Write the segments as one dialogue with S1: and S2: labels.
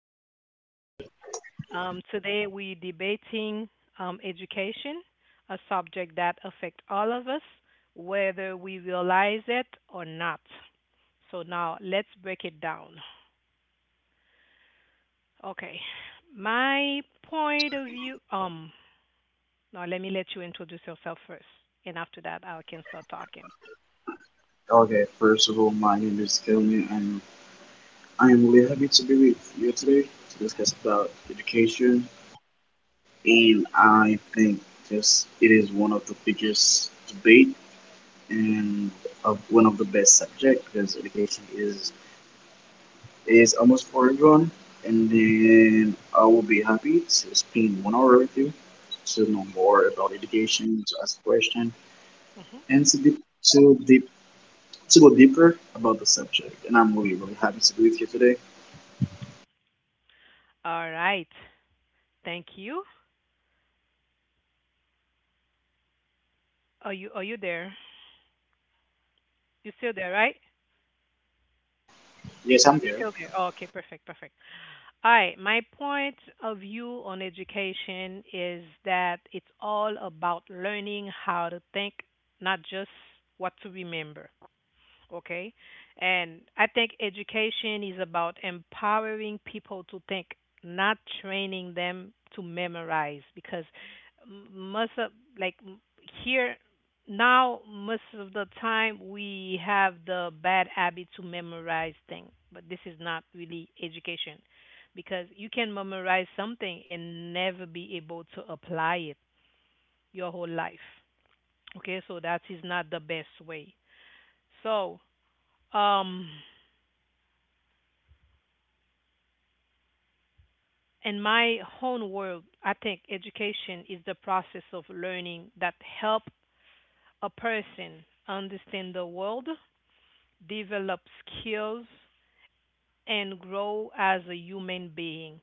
S1: is Ansley. Today we're debating education, a subject that affects all of us, whether we realize it or not. So now let's break it down. Okay. My point of view. Now let you introduce yourself first, and after that I can start talking.
S2: Okay, first of all, my name is Kelly, and I am really happy to be with you today to discuss about education. And I think this it is one of the biggest debate and of one of the best subject because education is almost for everyone. And then I will be happy to spend 1 hour with you to know more about education, to ask questions,
S1: Mhm.
S2: and to deep to go deeper about the subject. And I'm really really happy to be with you today.
S1: All right. Thank you. Are you there? You still there, right?
S2: Yes, I'm
S1: You're
S2: there.
S1: still there. Oh, okay, perfect, perfect. All right, my point of view on education is that it's all about learning how to think, not just what to remember, okay? And I think education is about empowering people to think, not training them to memorize, because m- most of like m- here now most of the time we have the bad habit to memorize things, but this is not really education because you can memorize something and never be able to apply it your whole life. Okay, so that is not the best way. So, um in my own world, I think education is the process of learning that help a person understand the world, develop skills, and grow as a human being.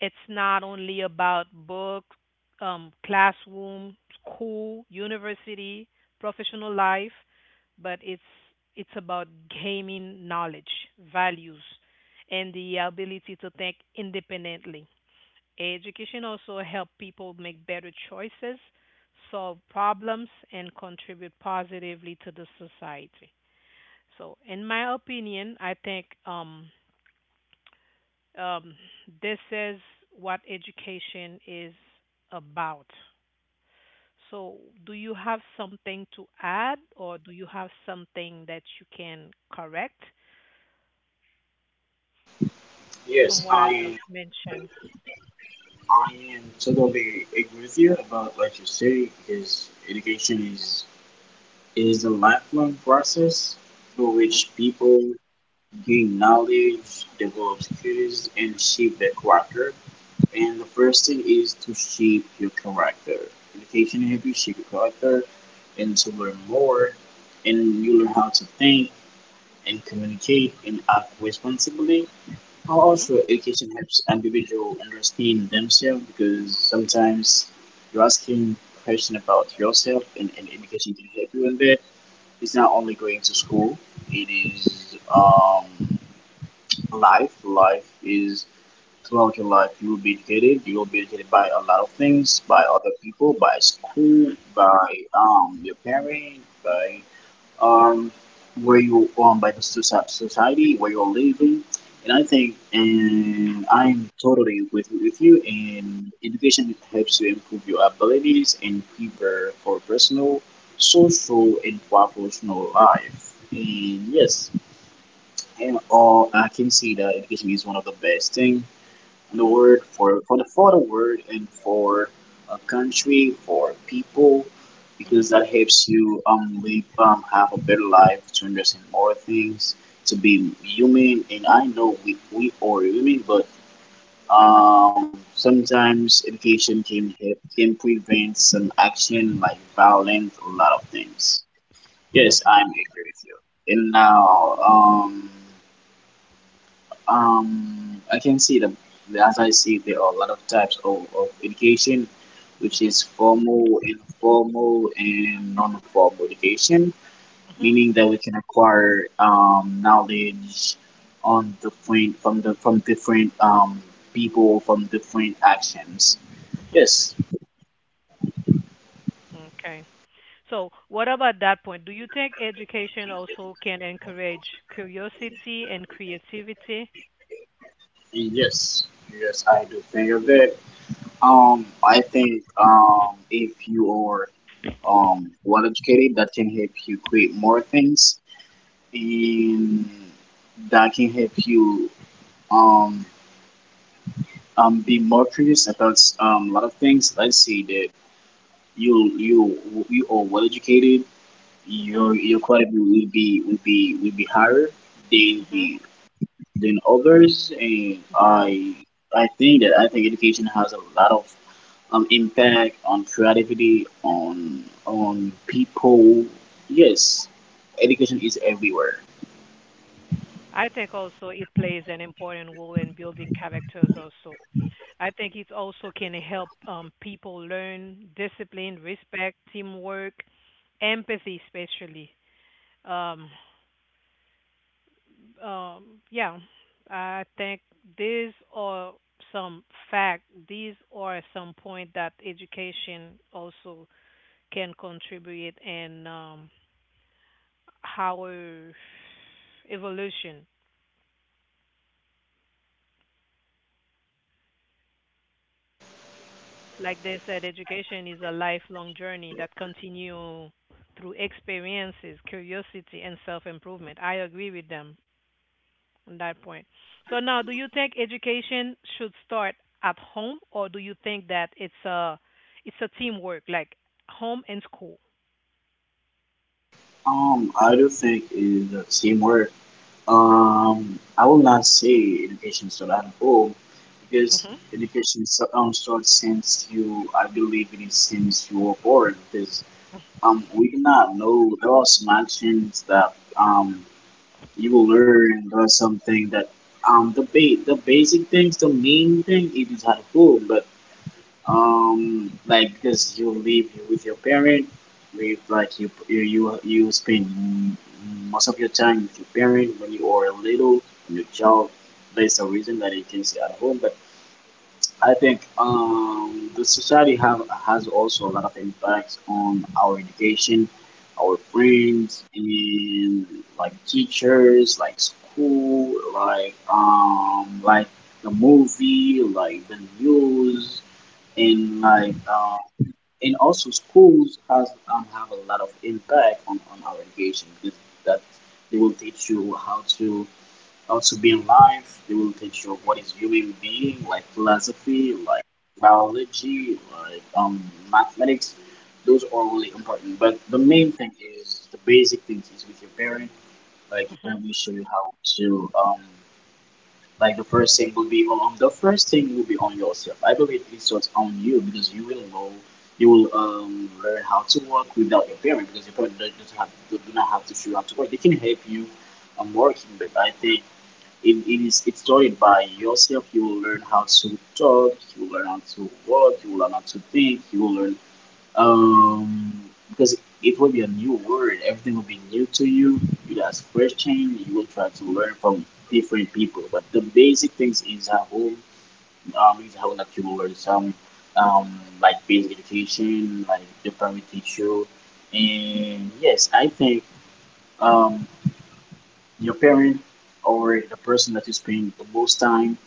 S1: It's not only about books, classroom, school, university, professional life, but it's about gaining knowledge, values, and the ability to think independently. Education also help people make better choices, solve problems, and contribute positively to the society. So, in my opinion, I think um, this is what education is about. So, do you have something to add, or do you have something that you can correct from
S2: Yes,
S1: what I just
S2: I am.
S1: mentioned?
S2: I am totally agree with you about what you say because education is a lifelong process through
S1: Mhm,
S2: which people gain knowledge, develop skills, and shape their character. And the first thing is to shape your character. Education helps you shape your character and to learn more, and you learn how to think and communicate and act responsibly. How
S1: mhm,
S2: also education helps individual understand themselves, because sometimes you're asking question about yourself, and education can help you in there. It's not only going to school, it is life. Life is Throughout your life you will be educated. You will be educated by a lot of things, by other people, by school, by your parents, by um, where you, by the society where you're living. And I think, and I'm totally with you, and education helps you improve your abilities and prepare for personal, social, and professional life. And yes, and all I can see that education is one of the best thing, the
S1: mhm,
S2: word for the word and for a country, for people, because
S1: mhm,
S2: that helps you live, have a better life, to understand more things, to be human. And I know we are human, but sometimes education can prevent some action like violence, a lot of things. Yes,
S1: mhm,
S2: I'm agree with you. And now I can see that, as I see there are a lot of types of education, which
S1: mhm,
S2: is formal, informal, and non-formal education,
S1: mhm,
S2: meaning that we can acquire knowledge, on different from the, from different people, from different actions.
S1: mhm.
S2: Yes.
S1: Okay. So, what about that point? Do you think education also can encourage curiosity and creativity?
S2: And yes, yes, I do think of that. I think, if you are well educated, that can help you create more things, and that can help you um, be more curious about a lot of things. Let's say that you are well educated,
S1: Hmm.
S2: your quality will be higher than
S1: Hmm.
S2: the than others, and I think education has a lot of impact on creativity, on people. Yes, education is everywhere.
S1: I think also it plays an important role in building characters also. I think it also can help people learn discipline, respect, teamwork, empathy especially. Um, yeah, I think these are some fact, these are some point that education also can contribute in our evolution. Like they said, education is a lifelong journey that continue through experiences, curiosity, and self-improvement. I agree with them on that point. So now, do you think education should start at home, or do you think that it's a teamwork, like home and school?
S2: I do think is the same word. I will not say education start at home, because
S1: Mhm.
S2: education starts since you, I believe it is since you were born, because we do not know, there are some actions that, um, you will learn, there are something that, the basic things, the main thing, it is at home, but like because you live with your parent, with like you spend most of your time with your parent when you are little, your child, there's a reason that you can stay at home. But I think, the society have has also a lot of impacts on our education, our
S1: Mhm.
S2: friends, and like teachers, like school, like the movie, like the news, and
S1: Mhm.
S2: and also schools has have a lot of impact on our education, because that they will teach you how to, also being life, they will teach you what is human being, like philosophy, like biology, like mathematics. Those are really important. But the main thing is, the basic things is with your parent. Like your
S1: Mhm.
S2: parent will show you how to, like, the first thing will be on yourself. I believe it starts on you because you will learn how to work without your parent, because your parent does not have do not have to show you how to work. They can help you working, but I think, if it's started by yourself, you will learn how to talk, you will learn how to walk, you will learn how to think, you will learn, um because it will be a new word, everything will be new to you. You ask question, you will try to learn from different people, but the basic things is a whole, is how, like you will learn some, like basic education, like the primary teacher. And yes, I think, um your parent or the person that you spend the most time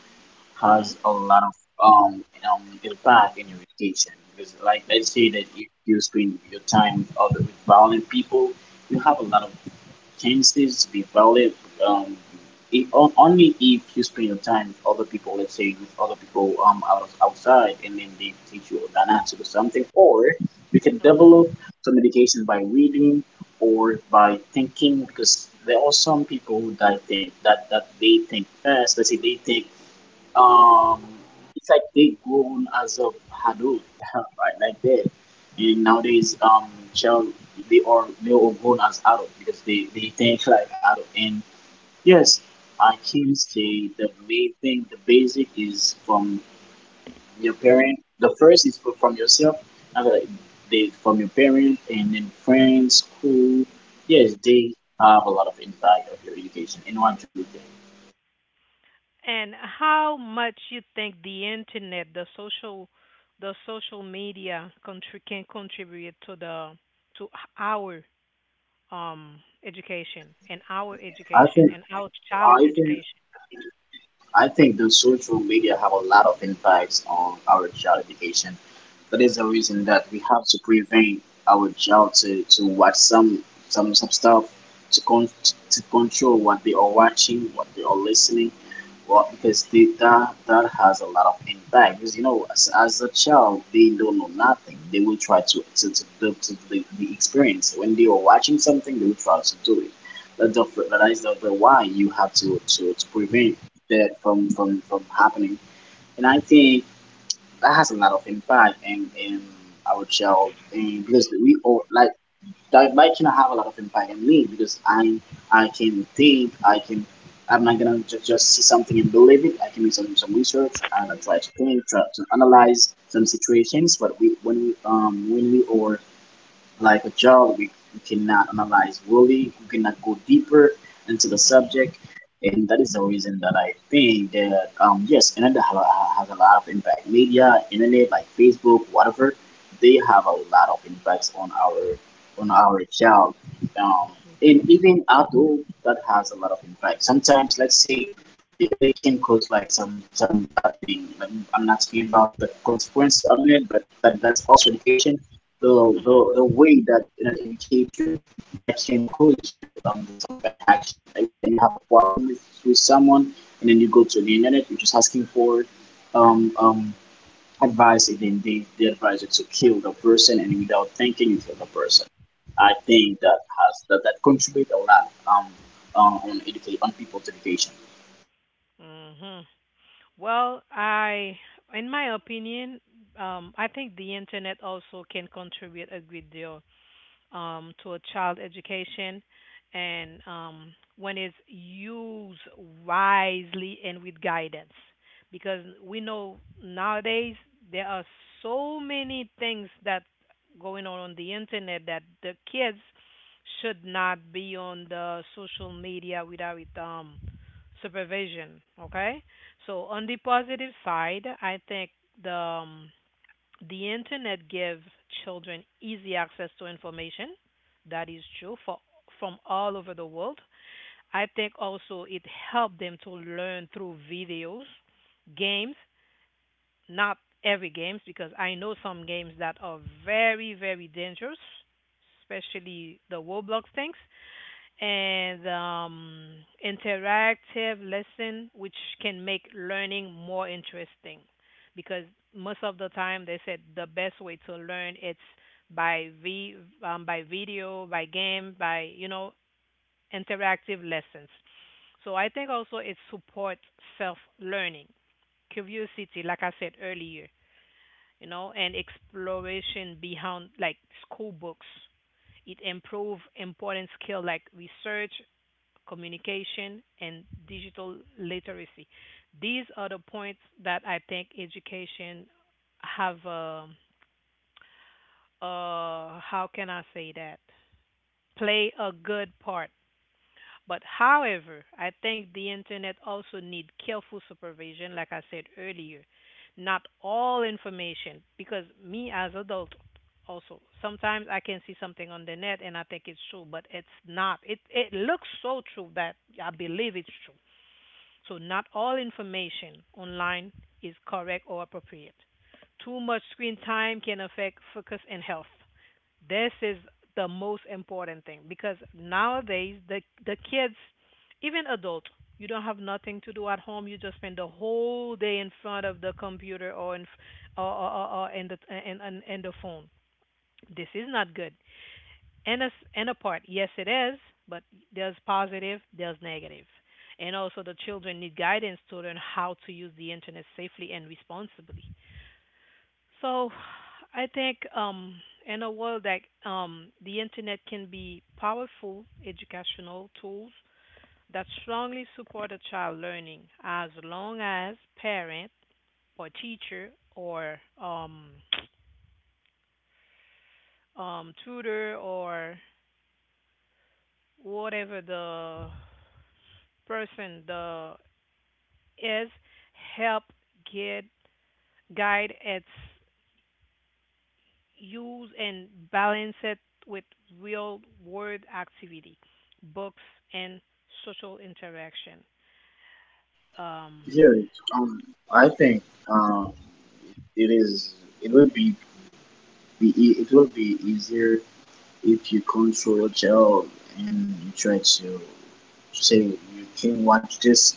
S1: Mhm.
S2: has a lot of, um, impact in your education, because like, let's say that if you spend your time with other, with violent people, you have a lot of chances to be violent. Um if, on- Only if you spend your time with other people, let's say with other people, outside, and then they teach you an answer to something, or you can
S1: Mhm.
S2: develop some education by reading or by thinking, because there are some people that think that they think fast. Let's say they think, um, it's like they grown as of adult, right? Like that. And nowadays, child, they are grown as adult because they think like adult. And yes, I can say the main thing, the basic is from your parent. The first is from yourself. After they, from your parent, and then friends, school. Yes, they have a lot of impact of your education. And what do you think?
S1: And how much you think the internet, the social media can contribute to the to our education and our
S2: I
S1: education
S2: think
S1: and our child
S2: I think
S1: education.
S2: I think the social media have a lot of impacts on our child education. That is the reason that we have to prevent our child to watch some, stuff, to con- to control what they are watching, what they are listening, what, because that has a lot of impact. Because as a child, they don't know nothing. They will try to the experience, when they are watching something, they will try to do it. That is the why you have to prevent that from happening. And I think that has a lot of impact in our child, and because we all like that might can have a lot of impact on me, because I can think, I'm not gonna just see something and believe it. I can do, some research, and I try to think, try to analyze some situations. But we when we when we are like a, we cannot analyze really, we cannot go deeper into the
S1: Mhm.
S2: subject. And that is the reason that I think that, yes, internet has a lot of impact. Media, internet, like Facebook, whatever, they have a lot of impacts on our child. Um, and even adult, that has a lot of impact. Sometimes, let's say, the internet can cause like, some bad thing. Like, I'm not talking about the consequence of it, but that's also education,
S1: Mhm.
S2: the way that educate you, that can cause you, do some bad action. Like say that you have a problem with someone, and then you go to the internet, you're just asking for, um um advice, and then they advise you to kill the person, and without thinking you kill the person. I think that has that contribute a lot, on educate on people's education.
S1: Mhm. Well, in my opinion, I think the internet also can contribute a great deal to a child education, and when it's used wisely and with guidance, because we know nowadays there are so many things that going on the internet that the kids should not be on the social media without supervision. Okay, so on the positive side, I think the um, the internet gives children easy access to information. That is true for from all over the world. I think also it helped them to learn through videos, games, not every games because I know some games that are very very dangerous, especially the Roblox things, and interactive lesson, which can make learning more interesting. Because most of the time, they said the best way to learn it's by v by video, by game, by interactive lessons. So I think also it supports self learning, curiosity, like I said earlier, and exploration beyond like school books. It improve important skill like research, communication, and digital literacy. These are the points that I think education have a, how can I say that? Play a good part. But however, I think the internet also need careful supervision, like I said earlier. Not all information, because me as adult also sometimes I can see something on the net and I think it's true, but it's not. It looks so true that I believe it's true. So, not all information online is correct or appropriate. Too much screen time can affect focus and health. This is the most important thing, because nowadays the kids, even adults, you don't have nothing to do at home. You just spend the whole day in front of the computer or in f- or in the and the phone. This is not good. In a part, yes, it is, but there's positive, there's negative, and also the children need guidance to learn how to use the internet safely and responsibly. So, I think in a world that the internet can be powerful educational tools that strongly support a child learning, as long as parent or teacher or tutor or whatever the person, the is help get guide its use and balance it with real world activity, books and social interaction. Um,
S2: Yeah, um, I think, um, it is. It will be, it will be easier if you control to child, and you try to say you can watch this.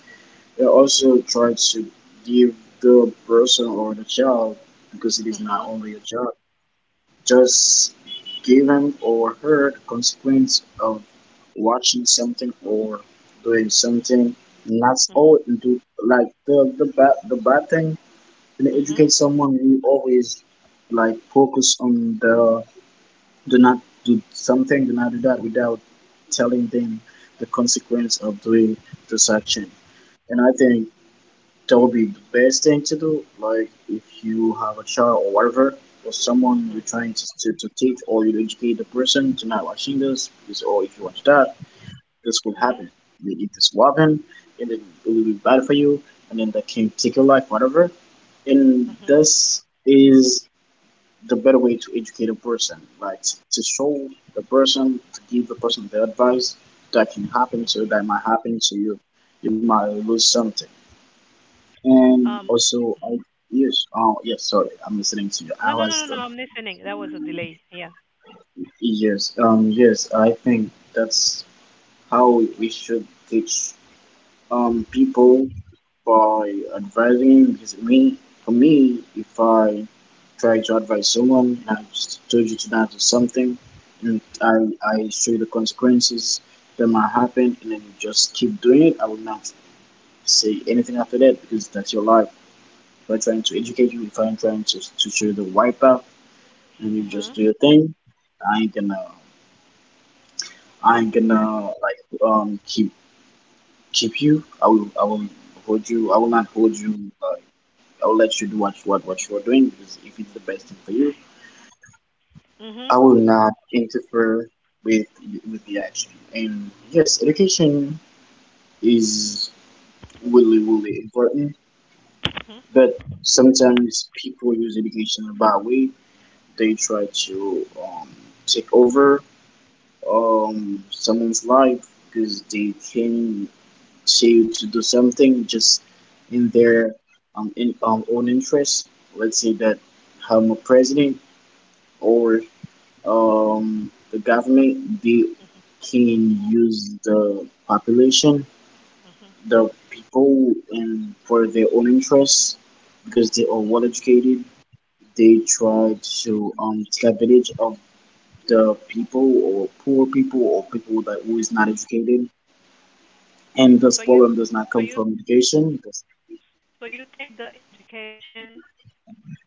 S2: You also try to give the person or the child, because it is not
S1: mhm,
S2: only a child, just give him or her the consequence of watching something or doing something. And that's all it do. Like the bad thing in
S1: mhm, mhm,
S2: educate someone, we always like focus on the, do not do something, do not do that without telling them the consequence of doing this action. And I think that would be the best thing to do. Like if you have a child or whatever, or someone you're
S1: mhm,
S2: trying to teach, or you educate the person to not watching this, because, or if you watch
S1: mhm,
S2: that, this will
S1: mhm,
S2: happen. You eat this will happen, and then it will be bad for you, and then that can take your life, whatever. And
S1: mhm.
S2: this is the better way to educate a person, right? to show the person, to give the person the advice that can happen to
S1: Mhm.
S2: you, that might happen to you, you might lose something. And
S1: Um,
S2: also, I, yes, oh, yes, sorry, I'm listening to you.
S1: no, no, no, no, no. I'm listening. That was a delay. Yeah.
S2: Yes, yes, I think that's how we should teach people by advising, because me for me, if I try to advise someone and I just told you to not do something, and I show you the consequences that might happen, and then you just keep doing it, I will not say anything after that because that's your life. If I'm trying to educate you, if I'm trying to show you the wipe out and you just
S1: Mhm.
S2: do your thing, I ain't gonna I ain't gonna like keep you. I will hold you. I will not hold you. uh, I will let you do what you are doing, because if it's the best thing for you,
S1: Mhm.
S2: I will not interfere with the action. And yes, education is really really important,
S1: Mhm.
S2: but sometimes people use education in a bad way. They try to take over someone's life, because they can say you to do something just in their own interest. Let's say that I'm a president, or the government, they can use the population,
S1: Mhm.
S2: the people, and for their own interests because they are well educated. They
S1: Mhm.
S2: try to take advantage of the people, or poor people, or people that who is not educated, and this
S1: So you,
S2: problem does not come
S1: so you,
S2: from education.
S1: so you think the education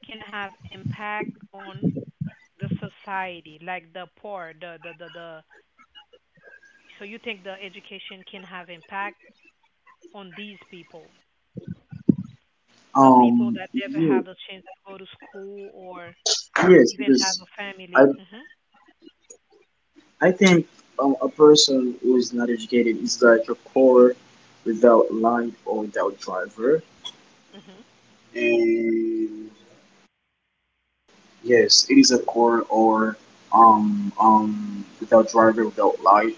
S1: can have impact on the society, like the poor, the the. So you think the education can have impact on these people, the people that never
S2: Yeah,
S1: have the chance to go to school or
S2: yes,
S1: even have
S2: because
S1: a
S2: I
S1: family. Mhm.
S2: I think a person who is not educated is like a car without light or without driver.
S1: Mhm.
S2: And yes, it is a car, or without driver, without light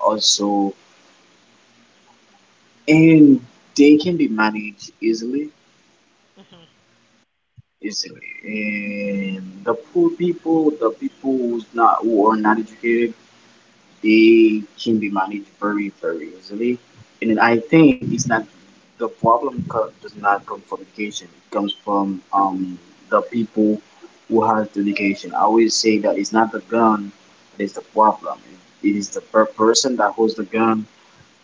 S2: also. And they can be managed easily,
S1: Mhm.
S2: easily. And the poor people, the people who's not who are not educated, they can be managed very very easily, and then I think it's not the problem does not come from education. It comes from the people who has the education. I always say that it's not the gun that is the problem, it is the person that holds the gun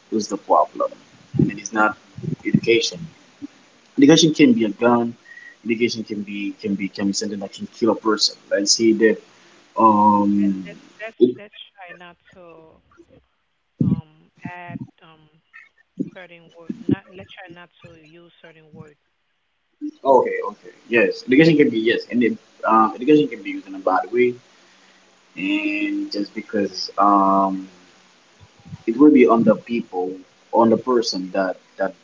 S2: who's the problem. And it is not education. Education can be a gun. Education can be something that can kill a person. Let's say that um
S1: Let's
S2: it
S1: try not to add certain word. Not let's try not to use certain word.
S2: Okay, okay. Yes, education can be, yes, and it, education can be used in a bad way, and just because it will be on the people, on the person that that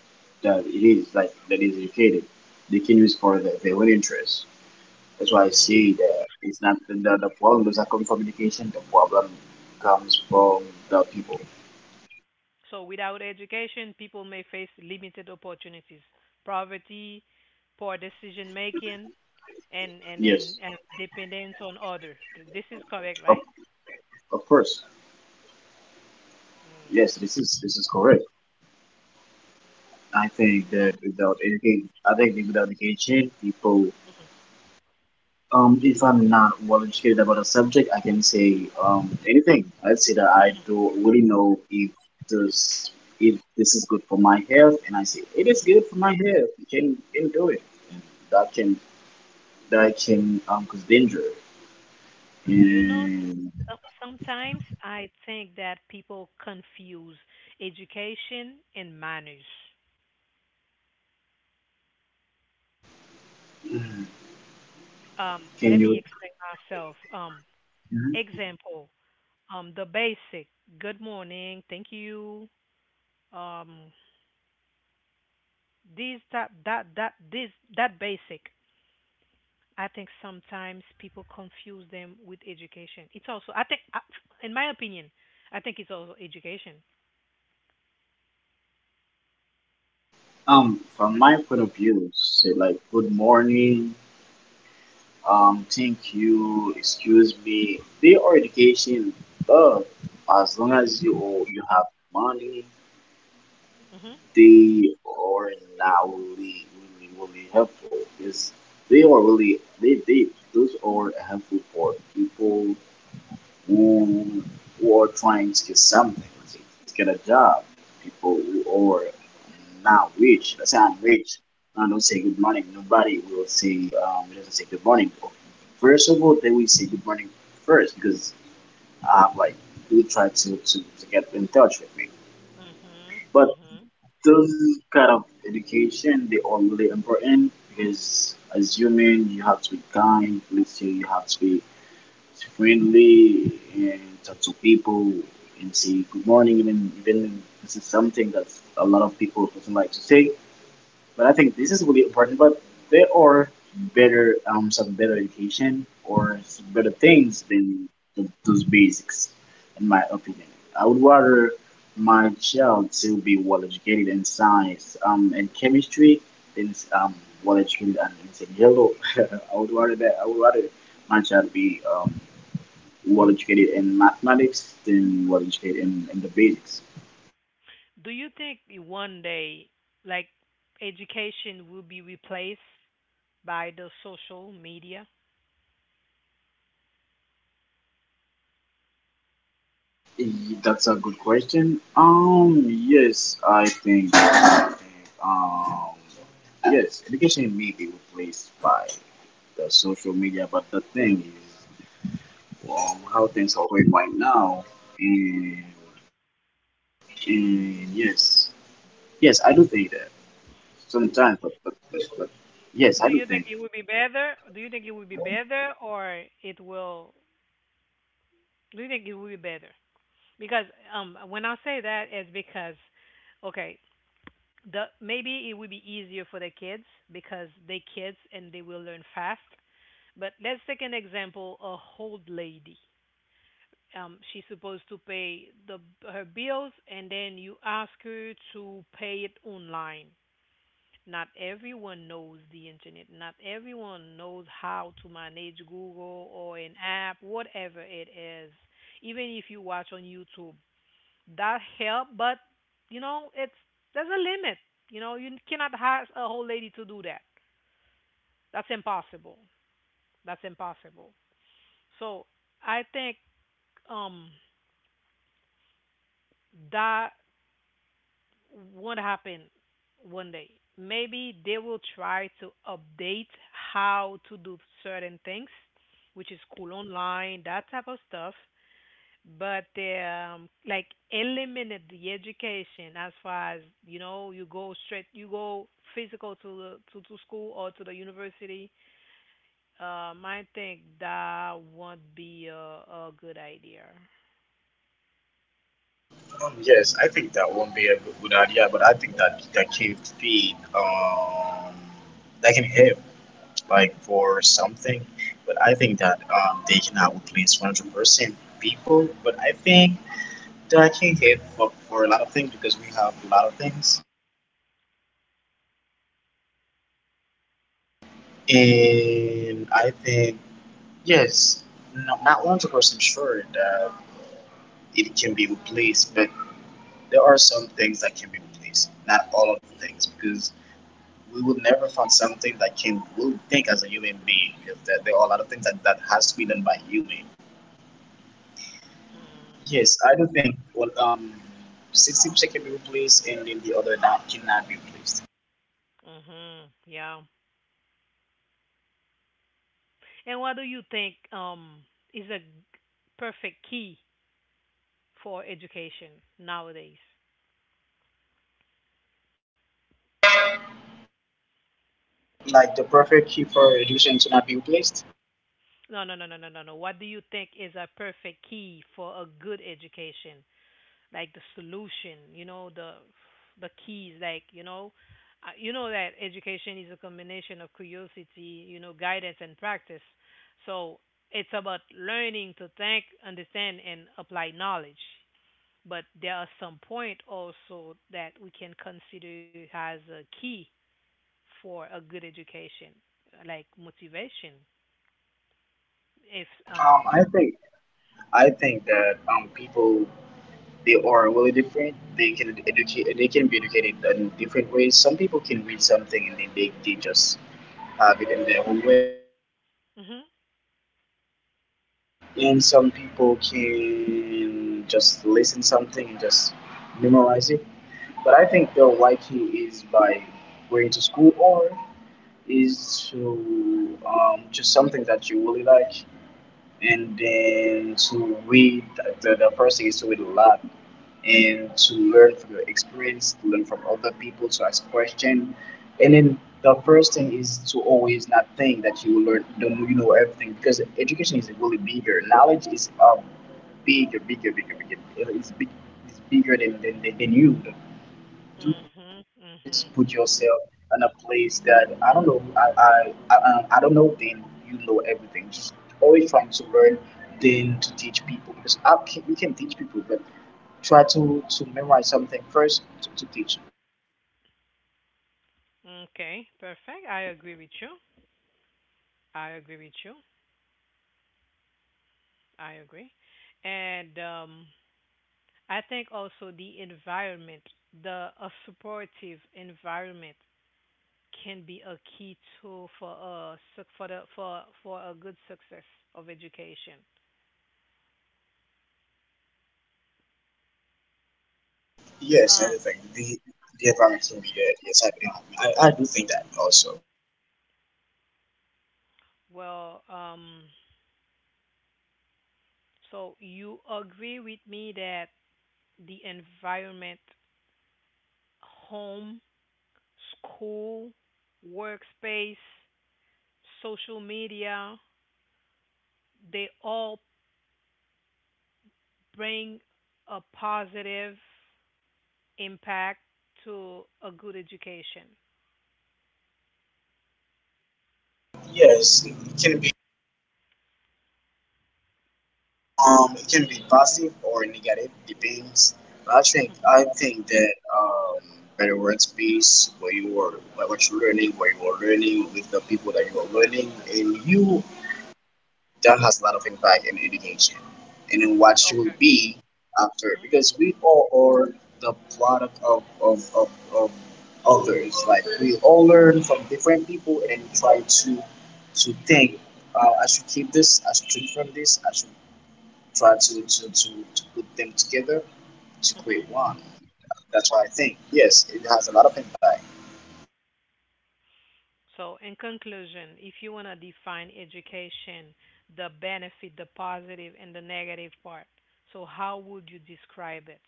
S2: that it is like that is educated, they can use for their own interest. That's why I say
S1: Mhm.
S2: that it's not the, problem does not come from education. The problem comes from the people.
S1: So without education, people may face limited opportunities, poverty, poor decision making, and
S2: Yes,
S1: dependence on other. This is correct,
S2: of,
S1: right?
S2: of course.
S1: Mm.
S2: Yes, this is correct. I think
S1: So,
S2: that without education, people. If I'm not well educated about a subject, I can say anything. I'd say that I
S1: hmm
S2: do not really know if there's if this is good for my health, and I say it is
S1: hmm
S2: good for my health. You can do it. And that can cause danger.
S1: you know,
S2: And
S1: so- sometimes I think that people confuse education and manners.
S2: can
S1: Let me
S2: you.
S1: explain myself.
S2: Mhm.
S1: Example, the basic good morning, thank you. Um, these that that that this that basic. I think sometimes people confuse them with education. It's also, I think, in my opinion, I think it's also education.
S2: From my point of view, say like good morning, thank you, excuse me. They are education, but as long as
S1: Mhm.
S2: you have money,
S1: Mhm.
S2: they are not really really really helpful. Is they are really they Those are helpful for people who who are trying to get something to, to get a job. People who are not rich. Let's say I'm rich. I don't say good morning. Nobody will say doesn't say good morning. First of all, they will say good morning first because I have like they will try to get in touch with me.
S1: Mhm.
S2: But
S1: Mhm.
S2: those kind of education, they are really important, because as human you have to be kind. Let's say you have to be friendly and talk to people, and say good morning, even if this is something that a lot of people doesn't like to say. But I think this is really important. But there are better, some better education, or some better things than th those basics, in my opinion. I would rather my child to be well educated in science, and chemistry, than um well educated and in saying hello. I would rather that I would rather my child be well educated in mathematics than well educated in, the basics.
S1: Do you think one day, like, education will be replaced by the social media?
S2: That's a good question. Yes, I think, yes, education may be replaced by the social media, but the thing is, how things are going right now, and yes, yes, I do think that sometimes, but yes, I
S1: Do
S2: do
S1: you think
S2: think.
S1: it will be better? Do you think it will be better, or it will? Do you think it will be better? Because when I say that, it's because, okay, the maybe it would be easier for the kids because they kids and they will learn fast. But let's take an example: a old lady. She's supposed to pay the her bills, and then you ask her to pay it online. Not everyone knows the internet. Not everyone knows how to manage Google or an app, whatever it is. Even if you watch on YouTube, that help, but it's there's a limit. You cannot ask a whole lady to do that. That's impossible. That's impossible. So I think um that would happen one day. Maybe they will try to update how to do certain things, which is cool online, that type of stuff, but they like eliminate the education. As far as you know, you go straight, you go physical to to school or to the university. I think that won't be a good idea.
S2: Yes, I think that won't be a good, good idea, but I think that that can feed, that can help like for something. But I think that they cannot replace 100% people. But I think that I can get for, a lot of things, because we have a lot of things. And I think, yes, no, not 100% sure that it can be replaced, but there are some things that can be replaced. Not all of the things, because we will never find something that can we will think as a human being. Because there are a lot of things that, has to be done by human.
S1: Mm,
S2: Yes, I do think, well, 60% can be replaced, and then the other nine cannot be replaced.
S1: mhm, yeah. And what do you think is a perfect key for education nowadays?
S2: Like the perfect key for reduction to not be replaced.
S1: No, no, no, no, no, no, no. What do you think is a perfect key for a good education, like the solution? You know, the keys, you know that education is a combination of curiosity, guidance and practice. So it's about learning to think, understand and apply knowledge. But there are some point also that we can consider as a key for a good education, like motivation, if
S2: I think that people, they are really different. They can educate. They can be educated in different ways. Some people can read something, and then they just have it in their own way.
S1: mhm,
S2: And some people can just listen something and just memorize it. But I think the right key is by going to school, or is to just something that you really like, and then to read the first thing is to read a lot, and to learn from your experience, to learn from other people, to ask questions, and then the first thing is to always not think that you will learn don't you know everything, because education is really bigger. Knowledge is bigger bigger bigger bigger. It's big. It's bigger than you. Do
S1: mhm,
S2: always put
S1: mhm.
S2: yourself in a place that I don't know. I don't know. Then you know everything. Just always trying to learn, then to teach people, because you can teach people, but try to memorize something first to teach.
S1: Okay, perfect. I agree with you. i agree with you I agree. And I think also the environment, the a supportive environment can be a key tool for a good success of education.
S2: Yes,
S1: Um,
S2: everything. The environment can be, yes, I do think that also.
S1: well, so you agree with me that the environment, home, school, workspace, social media, they all bring a positive impact to a good education.
S2: Yes, it can be. It can be positive or negative, depends. But I think
S1: Hmm.
S2: that um, better workspace where you are, what you're learning, where you are learning with the people that you are learning, and
S1: Hmm.
S2: you, that has a lot of impact in education and in what you will
S1: Okay.
S2: be after,
S1: Hmm.
S2: because we all are the product of of others. Like we all learn from different people, and try to think. I should keep this. I should learn from this. I should try to put them together to
S1: Hmm.
S2: create one. That's why I think, yes, it has a lot of impact.
S1: So, in conclusion, if you want to define education, the benefit, the positive, and the negative part, so how would you describe it?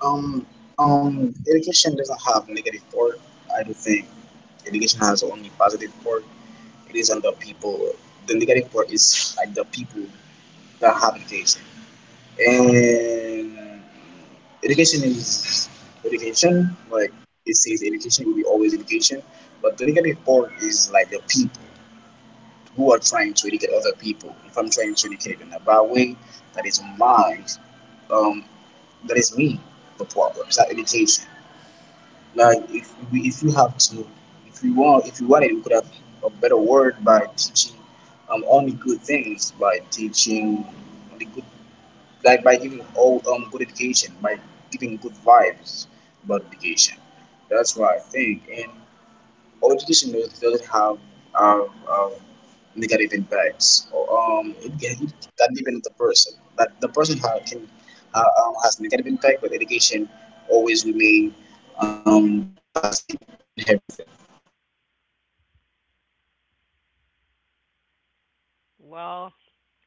S2: Um, Education doesn't have negative part. I do think education has only positive part. It is on the people. The negative part is like the people that have education. And education is education. Like it says, education will be always education. But the negative part is like the people who are trying to educate other people. If I'm trying to educate in a bad way, that is my, um, that is me, the problem. It's not education. Like if you have to, if you want, if you wanted, you could have a better word by teaching only good things, by teaching only good, like by giving all good education, by giving good vibes about education. That's what I think. And or education doesn't have um, um, negative impacts.
S1: Hmm.
S2: It can depend on the person. That the person can has negative impact, but education always remain positive in everything.
S1: Well,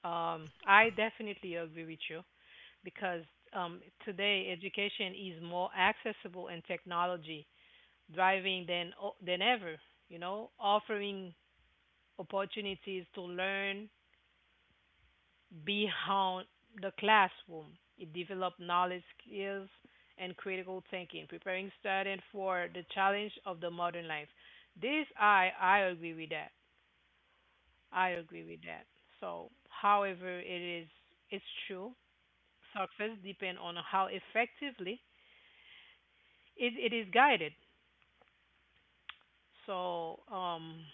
S1: I definitely agree with you because um, today education is more accessible and technology driving than than ever. You know, offering opportunities to learn beyond the classroom. It developed knowledge, skills, and critical thinking, preparing students for the challenge of the modern life. This I agree with that. I agree with that. So, however, it's true. Success depend on how effectively it is guided. So,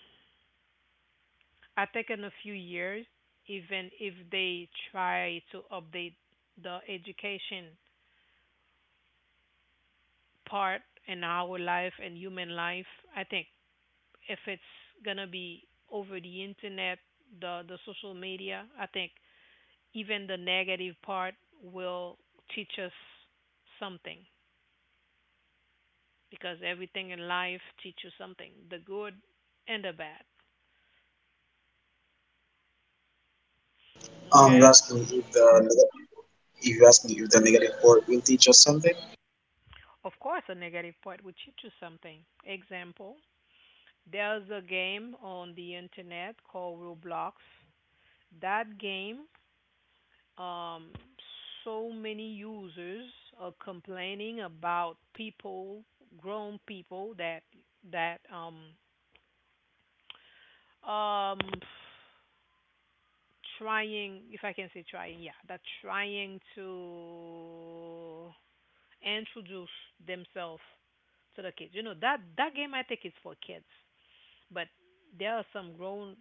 S1: I think in a few years, even if they try to update the education part in our life and human life. I think if it's gonna be over the internet, the social media, I think even the negative part will teach us something because everything in life teaches you something, the good and the bad.
S2: You're
S1: Okay?
S2: asking if the neg- If you're asking if the negative part will teach us something.
S1: Of course, a negative part will teach you something. Example, there's a game on the internet called Roblox. That game um, so many users are complaining about people, grown people that um trying, if I can say trying, yeah, that trying to introduce themselves to the kids. You know that that game I think is for kids, but there are some grown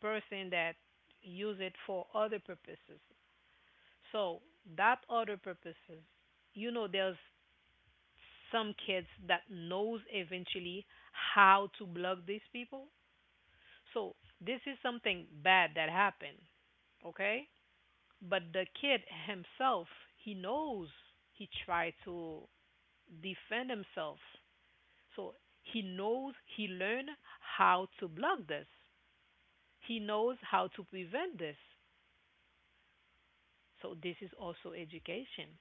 S1: person that use it for other purposes. So that other purposes, you know, there's some kids that knows eventually how to block these people. So this is something bad that happened, okay? But the kid himself, he knows he tried to defend himself. So he knows he learned how to block this. He knows how to prevent this. So this is also education.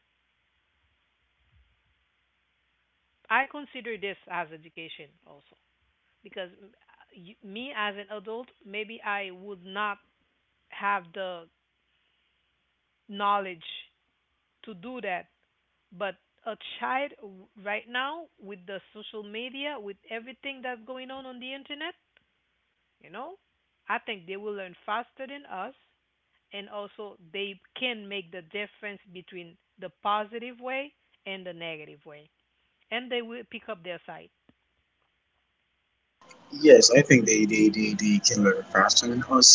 S1: I consider this as education also. Because me as an adult, maybe I would not have the knowledge to do that. But a child, right now, with the social media, with everything that's going on the internet, you know, I think they will learn faster than us, and also they can make the difference between the positive way and the negative way, and they will pick up their side.
S2: Yes, I think they can learn faster than us.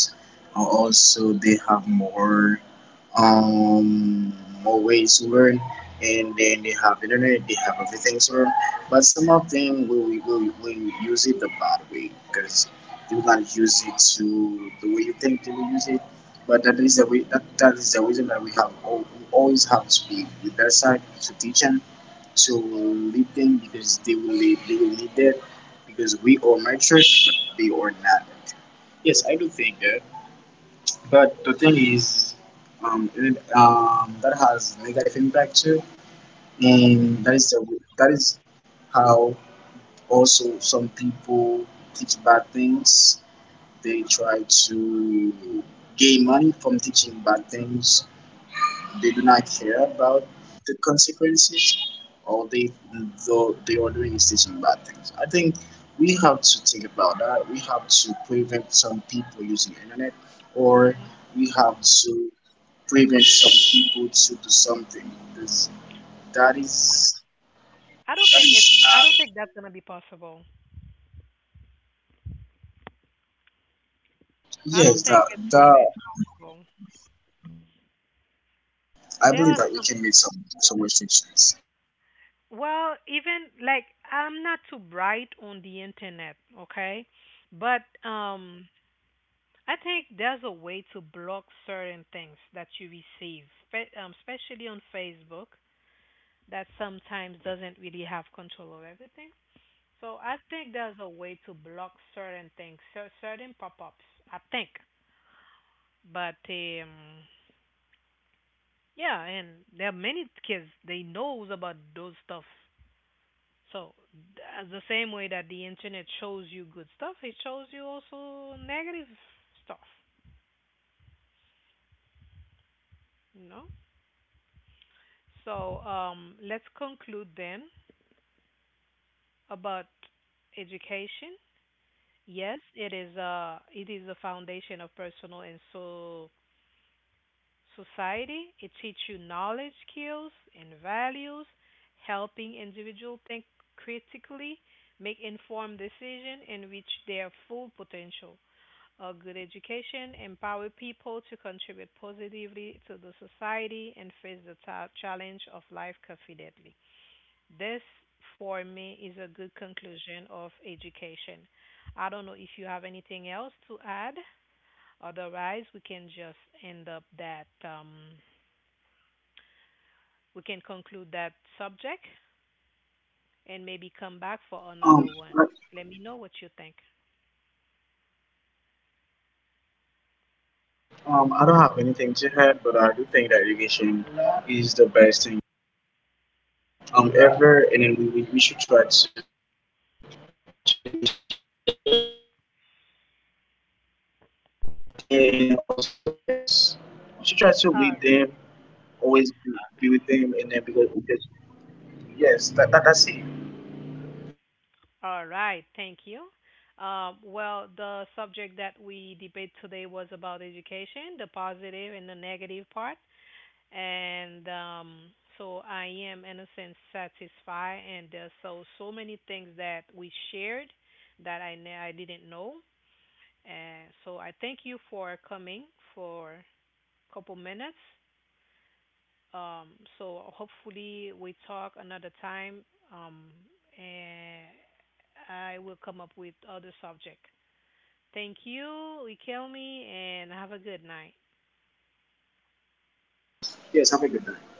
S2: Also, they have more um, more ways to learn, and then they have internet, they have everything to learn. But some of them will use it the bad way, because they will not use it to the way you think they will use it. But that is the reason that we have we always have to be with their side, to teach them, to lead them, because they will need that, because we are mature but they are not mature. Yes, I do think that. But the thing is, that has negative impact too,
S1: Mhm.
S2: and that is the that is how also some people teach bad things. They try to gain money from teaching bad things. They do not
S1: Mhm.
S2: care about the consequences, or they though they are doing is teaching bad things. I think we have to think about that. We have to prevent some people using internet, or
S1: Mhm.
S2: we have to prevent some people to do something. Because that is
S1: i don't
S2: that
S1: think it
S2: is
S1: I don't
S2: not.
S1: think that's going to be possible. I
S2: Yes,
S1: don't think
S2: that
S1: it's
S2: that
S1: possible.
S2: I
S1: There
S2: believe
S1: are
S2: that we
S1: some,
S2: can make some restrictions.
S1: well, even like, I'm not too bright on the internet, okay? But um I think there's a way to block certain things that you receive, especially on Facebook, that sometimes doesn't really have control of everything. So I think there's a way to block certain things, certain pop-ups, I think. But yeah, and there are many kids they knows about those stuff. So, as the same way that the internet shows you good stuff, it shows you also negative stuff, you know? So, let's conclude then about education. Yes, it is a foundation of personal and so society. It teaches you knowledge, skills, and values, helping individual think critically, make informed decision, and reach their full potential. A good education empower people to contribute positively to the society and face the challenge of life confidently. This, for me, is a good conclusion of education. I don't know if you have anything else to add. Otherwise, we can just end up that we can conclude that subject and maybe come back for
S2: Um,
S1: another one.
S2: I,
S1: Let me know what you think.
S2: I don't have anything to add, but I do think that education is the best thing. Ever, and then we should try to education people better, and also yes, we should try to
S1: All
S2: lead them, always be with them, and then because yes, that's it.
S1: All right, thank you. Well, the subject that we debate today was about education, the positive and the negative part. And so I am, in a sense, satisfied. And there's so many things that we shared that I didn't know. And so I thank you for coming for a couple minutes. Um, so hopefully we talk another time, um, and I will come up with other subject. Thank you, Ikelmi, and have a good night.
S2: Yes, have a good night.